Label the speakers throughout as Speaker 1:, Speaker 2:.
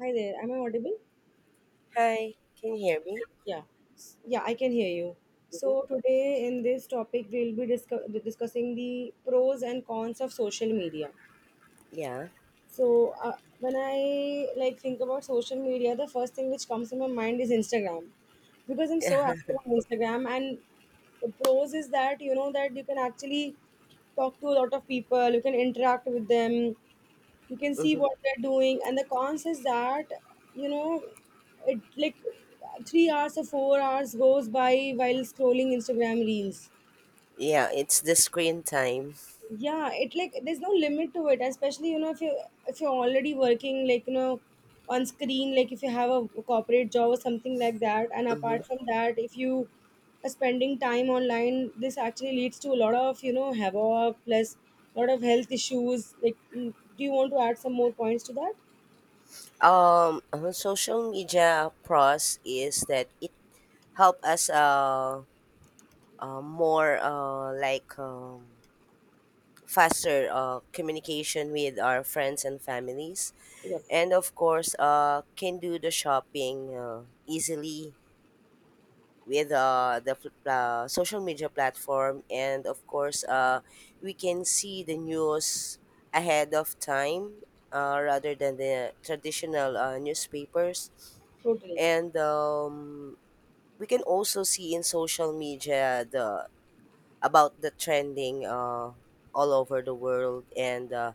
Speaker 1: Hi there, am I audible?
Speaker 2: Hi, can you hear me?
Speaker 1: Yeah. Yeah, I can hear you.
Speaker 2: hmm
Speaker 1: So, today in this topic, we'll be discussing the pros and cons of social media.
Speaker 2: Yeah.
Speaker 1: So, when I like think about social media, the first thing which comes to my mind is Instagram because I'm so active on Instagram. And the pros is that you know that you can actually talk to a lot of people, you can interact with them, you can see
Speaker 2: hmm
Speaker 1: what they're doing. And the cons is that you know it like 3 hours or 4 hours goes by while scrolling Instagram reels.
Speaker 2: Yeah, it's the screen time.
Speaker 1: Yeah, it like there's no limit to it, especially you know if you if you're already working, like you know, on screen, like if you have a corporate job or something like that. And
Speaker 2: hmm
Speaker 1: apart from that, if you are spending time online, this actually leads to a lot of, you know, havoc, plus a lot of health issues like do you want to add some more points to that?
Speaker 2: Social media pros is that it help us more like faster communication with our friends and families, and of course can do the shopping easily with the social media platform, and of course we can see the news ahead of time, rather than the traditional newspapers.
Speaker 1: Totally.
Speaker 2: And we can also see in social media the about the trending, all over the world, and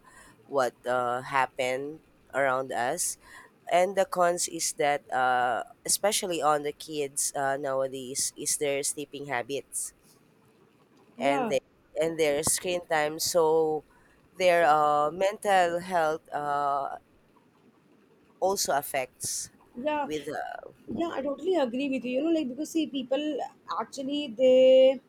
Speaker 2: what happened around us. And the cons is that, especially on the kids nowadays, is their sleeping habits and
Speaker 1: Yeah,
Speaker 2: their and their screen time. So their mental health also affects
Speaker 1: yeah,
Speaker 2: with.
Speaker 1: yeah. I totally agree with you. You know, like because see, people actually they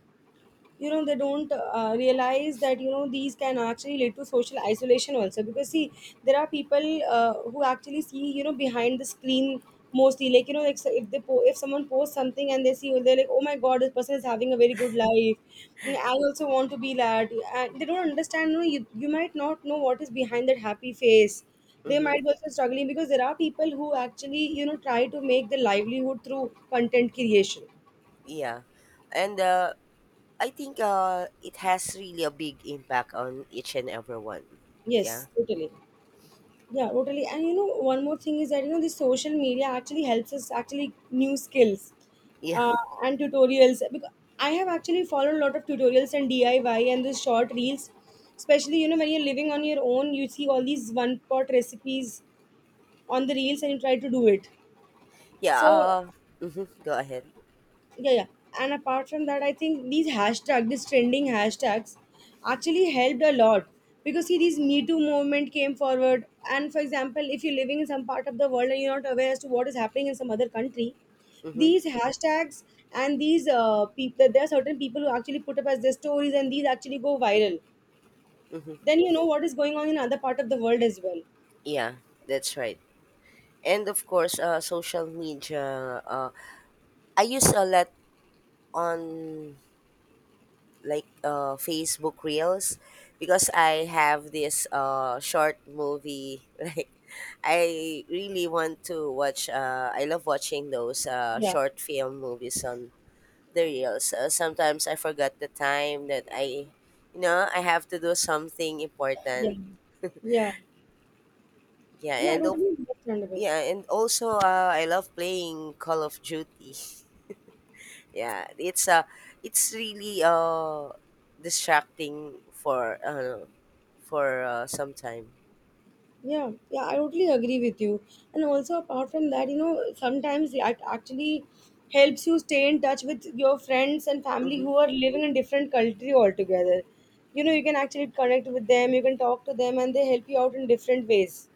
Speaker 1: you know they don't realize that you know these can actually lead to social isolation also, because see there are people who actually see, you know, behind the screen, mostly like you know like, so if they if someone posts something and they see, they're like, oh my god, this person is having a very good life. I also want to be that. And they don't understand, you know, you might not know what is behind that happy face. They
Speaker 2: Mhm,
Speaker 1: might be also struggling because there are people who actually, you know, try to make their livelihood through content creation.
Speaker 2: yeah, and I think it has really a big impact on each and everyone. Yeah.
Speaker 1: Yes, totally. Yeah, totally. And you know, one more thing is that you know, the social media actually helps us actually new skills
Speaker 2: Yeah.
Speaker 1: uh, and tutorials. Because I have actually followed a lot of tutorials and DIY and the short reels, especially you know when you're living on your own, you see all these one pot recipes on the reels and you try to do it.
Speaker 2: Yeah,
Speaker 1: So
Speaker 2: mhm, go ahead.
Speaker 1: yeah, yeah. And apart from that, I think these hashtag, these trending hashtags, actually helped a lot because see, these Me Too movement came forward. And for example, if you're living in some part of the world and you're not aware as to what is happening in some other country,
Speaker 2: hmm
Speaker 1: these hashtags and these people, there are certain people who actually put up as their stories, and these actually go viral.
Speaker 2: hmm
Speaker 1: Then you know what is going on in other part of the world as well.
Speaker 2: Yeah, that's right. And of course, social media. I use a lot on like Facebook Reels because I have this short movie. Like, I really want to watch. I love watching those
Speaker 1: Yeah,
Speaker 2: short film movies on the Reels. Sometimes I forgot the time that I I have to do something
Speaker 1: yeah,
Speaker 2: important.
Speaker 1: yeah,
Speaker 2: Yeah,
Speaker 1: yeah.
Speaker 2: and of
Speaker 1: Totally understandable.
Speaker 2: Yeah, and also I love playing Call of Duty. Yeah, it's really distracting for some time.
Speaker 1: Yeah, yeah, I totally agree with you. And also, apart from that, you know, sometimes it actually helps you stay in touch with your friends and family
Speaker 2: Mm-hmm.
Speaker 1: who are living in different country altogether. You know, you can actually connect with them, you can talk to them, and they help you out in different ways.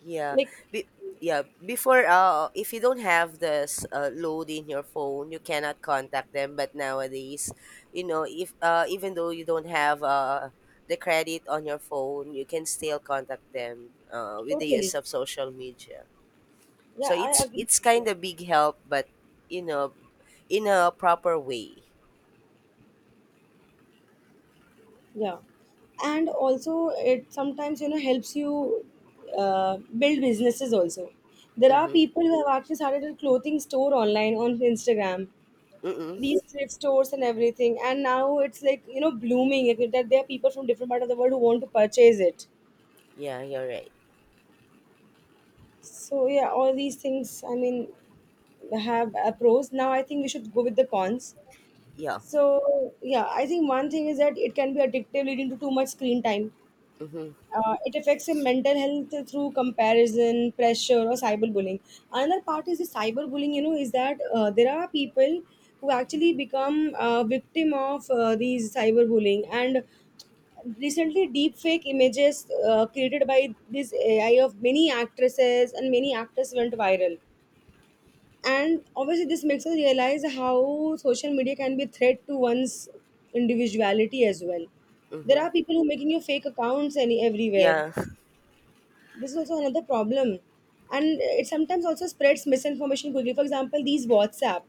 Speaker 2: Yeah.
Speaker 1: Like,
Speaker 2: Be- yeah, before if you don't have this load in your phone, you cannot contact them, but nowadays, you know, if even though you don't have the credit on your phone, you can still contact them with the use
Speaker 1: totally.
Speaker 2: of social media.
Speaker 1: Yeah,
Speaker 2: So
Speaker 1: I
Speaker 2: it's
Speaker 1: agree with
Speaker 2: it's kind
Speaker 1: you.
Speaker 2: of big help, but you know, in a proper way.
Speaker 1: Yeah. And also, it sometimes, you know, helps you build businesses also. There are
Speaker 2: Mhm.
Speaker 1: people who have actually started a clothing store online on Instagram,
Speaker 2: Mm.
Speaker 1: these thrift stores and everything, and now it's like you know blooming like, that there are people from different part of the world who want to purchase it.
Speaker 2: Yeah, you're right.
Speaker 1: So yeah, all these things, I mean, have pros. Now I think we should go with the cons.
Speaker 2: Yeah.
Speaker 1: So yeah, I think one thing is that it can be addictive, leading to too much screen time.
Speaker 2: Mhm.
Speaker 1: It affects your mental health through comparison, pressure, or cyberbullying. Another part is the cyberbullying. You know, is that there are people who actually become victim of these cyberbullying, and recently, deepfake images created by this AI of many actresses and many actors went viral. And obviously, this makes us realize how social media can be a threat to one's individuality as well. There
Speaker 2: Mhm.
Speaker 1: are people who making you fake accounts any everywhere.
Speaker 2: Yeah.
Speaker 1: This is also another problem. And it sometimes also spreads misinformation quickly. For example, these WhatsApp,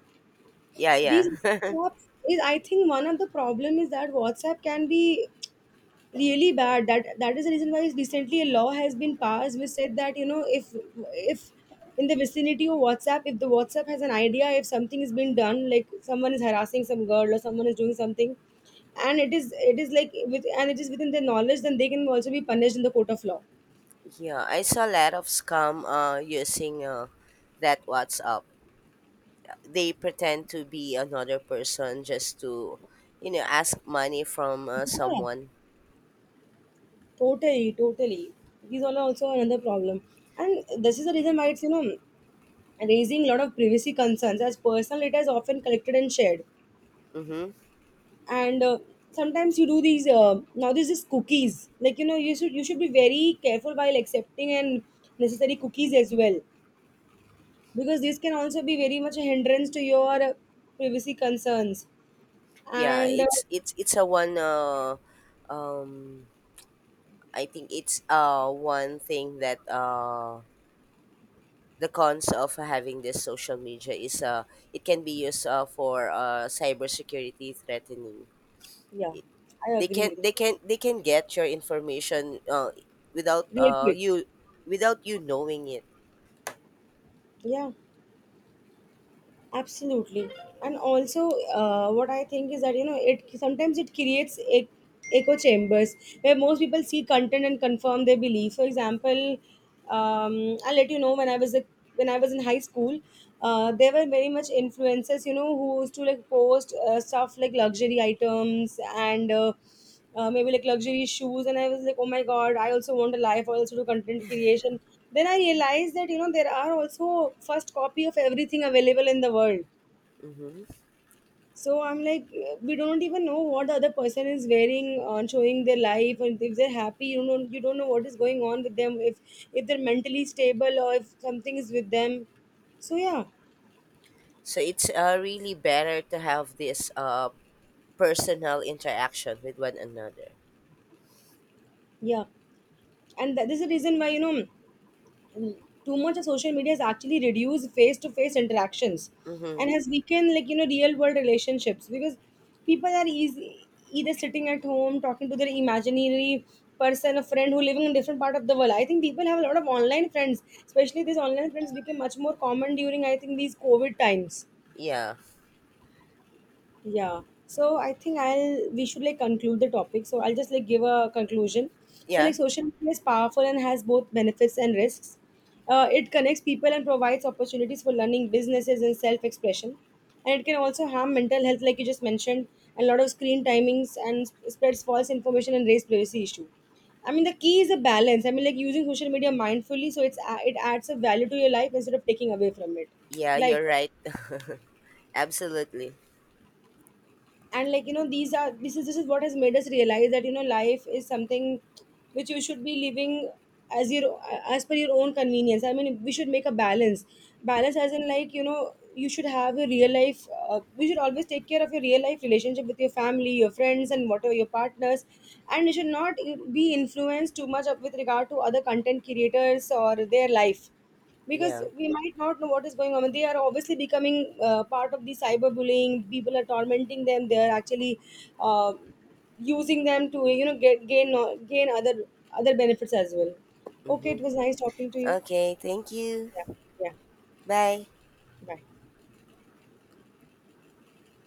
Speaker 2: Yeah.
Speaker 1: these
Speaker 2: Yeah.
Speaker 1: WhatsApp, is I think one of the problem is that WhatsApp can be really bad. That is the reason why recently a law has been passed, which said that you know if in the vicinity of WhatsApp, if the WhatsApp has an idea if something is being done, like someone is harassing some girl or someone is doing something, and it is like with and it is within their knowledge, then they can also be punished in the court of law.
Speaker 2: Yeah, I saw a lot of scam using that WhatsApp. They pretend to be another person just to, you know, ask money from someone.
Speaker 1: Totally, totally. These all are also another problem. And this is the reason why it's, you know, raising a lot of privacy concerns as personal data is often collected and shared.
Speaker 2: Mm-hmm.
Speaker 1: And sometimes you do these, now there's this cookies. Like, you know, you should be very careful while accepting and necessary cookies as well. Because these can also be very much a hindrance to your privacy concerns.
Speaker 2: Yeah,
Speaker 1: And
Speaker 2: it's it's it's a one. Um, I think it's one thing that the cons of having this social media is, it can be used, for cybersecurity threatening.
Speaker 1: yeah,
Speaker 2: It,
Speaker 1: I
Speaker 2: they
Speaker 1: agree
Speaker 2: can
Speaker 1: with
Speaker 2: they
Speaker 1: you.
Speaker 2: can they can get your information, without
Speaker 1: Real quick.
Speaker 2: you without you knowing it.
Speaker 1: Yeah, absolutely. And also what I think is that you know it sometimes it creates echo chambers where most people see content and confirm their belief. For example, I'll let you know when I was when I was in high school, there were very much influencers, you know, who used to like post stuff like luxury items and maybe like luxury shoes. And I was like, oh my god, I also want a life, I also do content creation. Then I realized that you know there are also first copy of everything available in the world.
Speaker 2: hmm
Speaker 1: So I'm like we don't even know what the other person is wearing on showing their life. And if they're happy, you know, you don't know what is going on with them, if they're mentally stable or if something is with them. So yeah,
Speaker 2: So it's, really better to have this personal interaction with one another.
Speaker 1: yeah. And that is the reason why you know too much of social media has actually reduced face to face interactions
Speaker 2: Mm-hmm.
Speaker 1: and has weakened, like you know, real world relationships, because people are easy either sitting at home talking to their imaginary person, a friend who living in different part of the world. I think people have a lot of online friends, especially these online friends became much more common during, I think, these COVID times.
Speaker 2: Yeah,
Speaker 1: Yeah. So I think I'll we should like conclude the topic. So I'll just like give a conclusion. So like
Speaker 2: yeah,
Speaker 1: social media is powerful and has both benefits and risks. It connects people and provides opportunities for learning, businesses, and self-expression. And it can also harm mental health, like you just mentioned, and a lot of screen timings and spreads false information and raise privacy issue. I mean, the key is a balance. I mean, like using social media mindfully, so it adds a value to your life instead of taking away from it.
Speaker 2: yeah.
Speaker 1: Like
Speaker 2: You're right. Absolutely.
Speaker 1: and like you know these are this is what has made us realize that you know life is something which you should be living as your as per your own convenience. I mean we should make a balance, balance as in like you know you should have a real life. We should always take care of your real life relationship with your family, your friends, and whatever your partners. And you should not be influenced too much with regard to other content creators or their life, because
Speaker 2: Yeah.
Speaker 1: we might not know what is going on. They are obviously becoming part of the cyberbullying. People are tormenting them. They are actually uh, using them to you know get gain other other benefits as well. Okay,
Speaker 2: Mm-hmm.
Speaker 1: it was nice talking to you.
Speaker 2: Okay. Thank you.
Speaker 1: Yeah, yeah.
Speaker 2: Bye.
Speaker 1: Bye.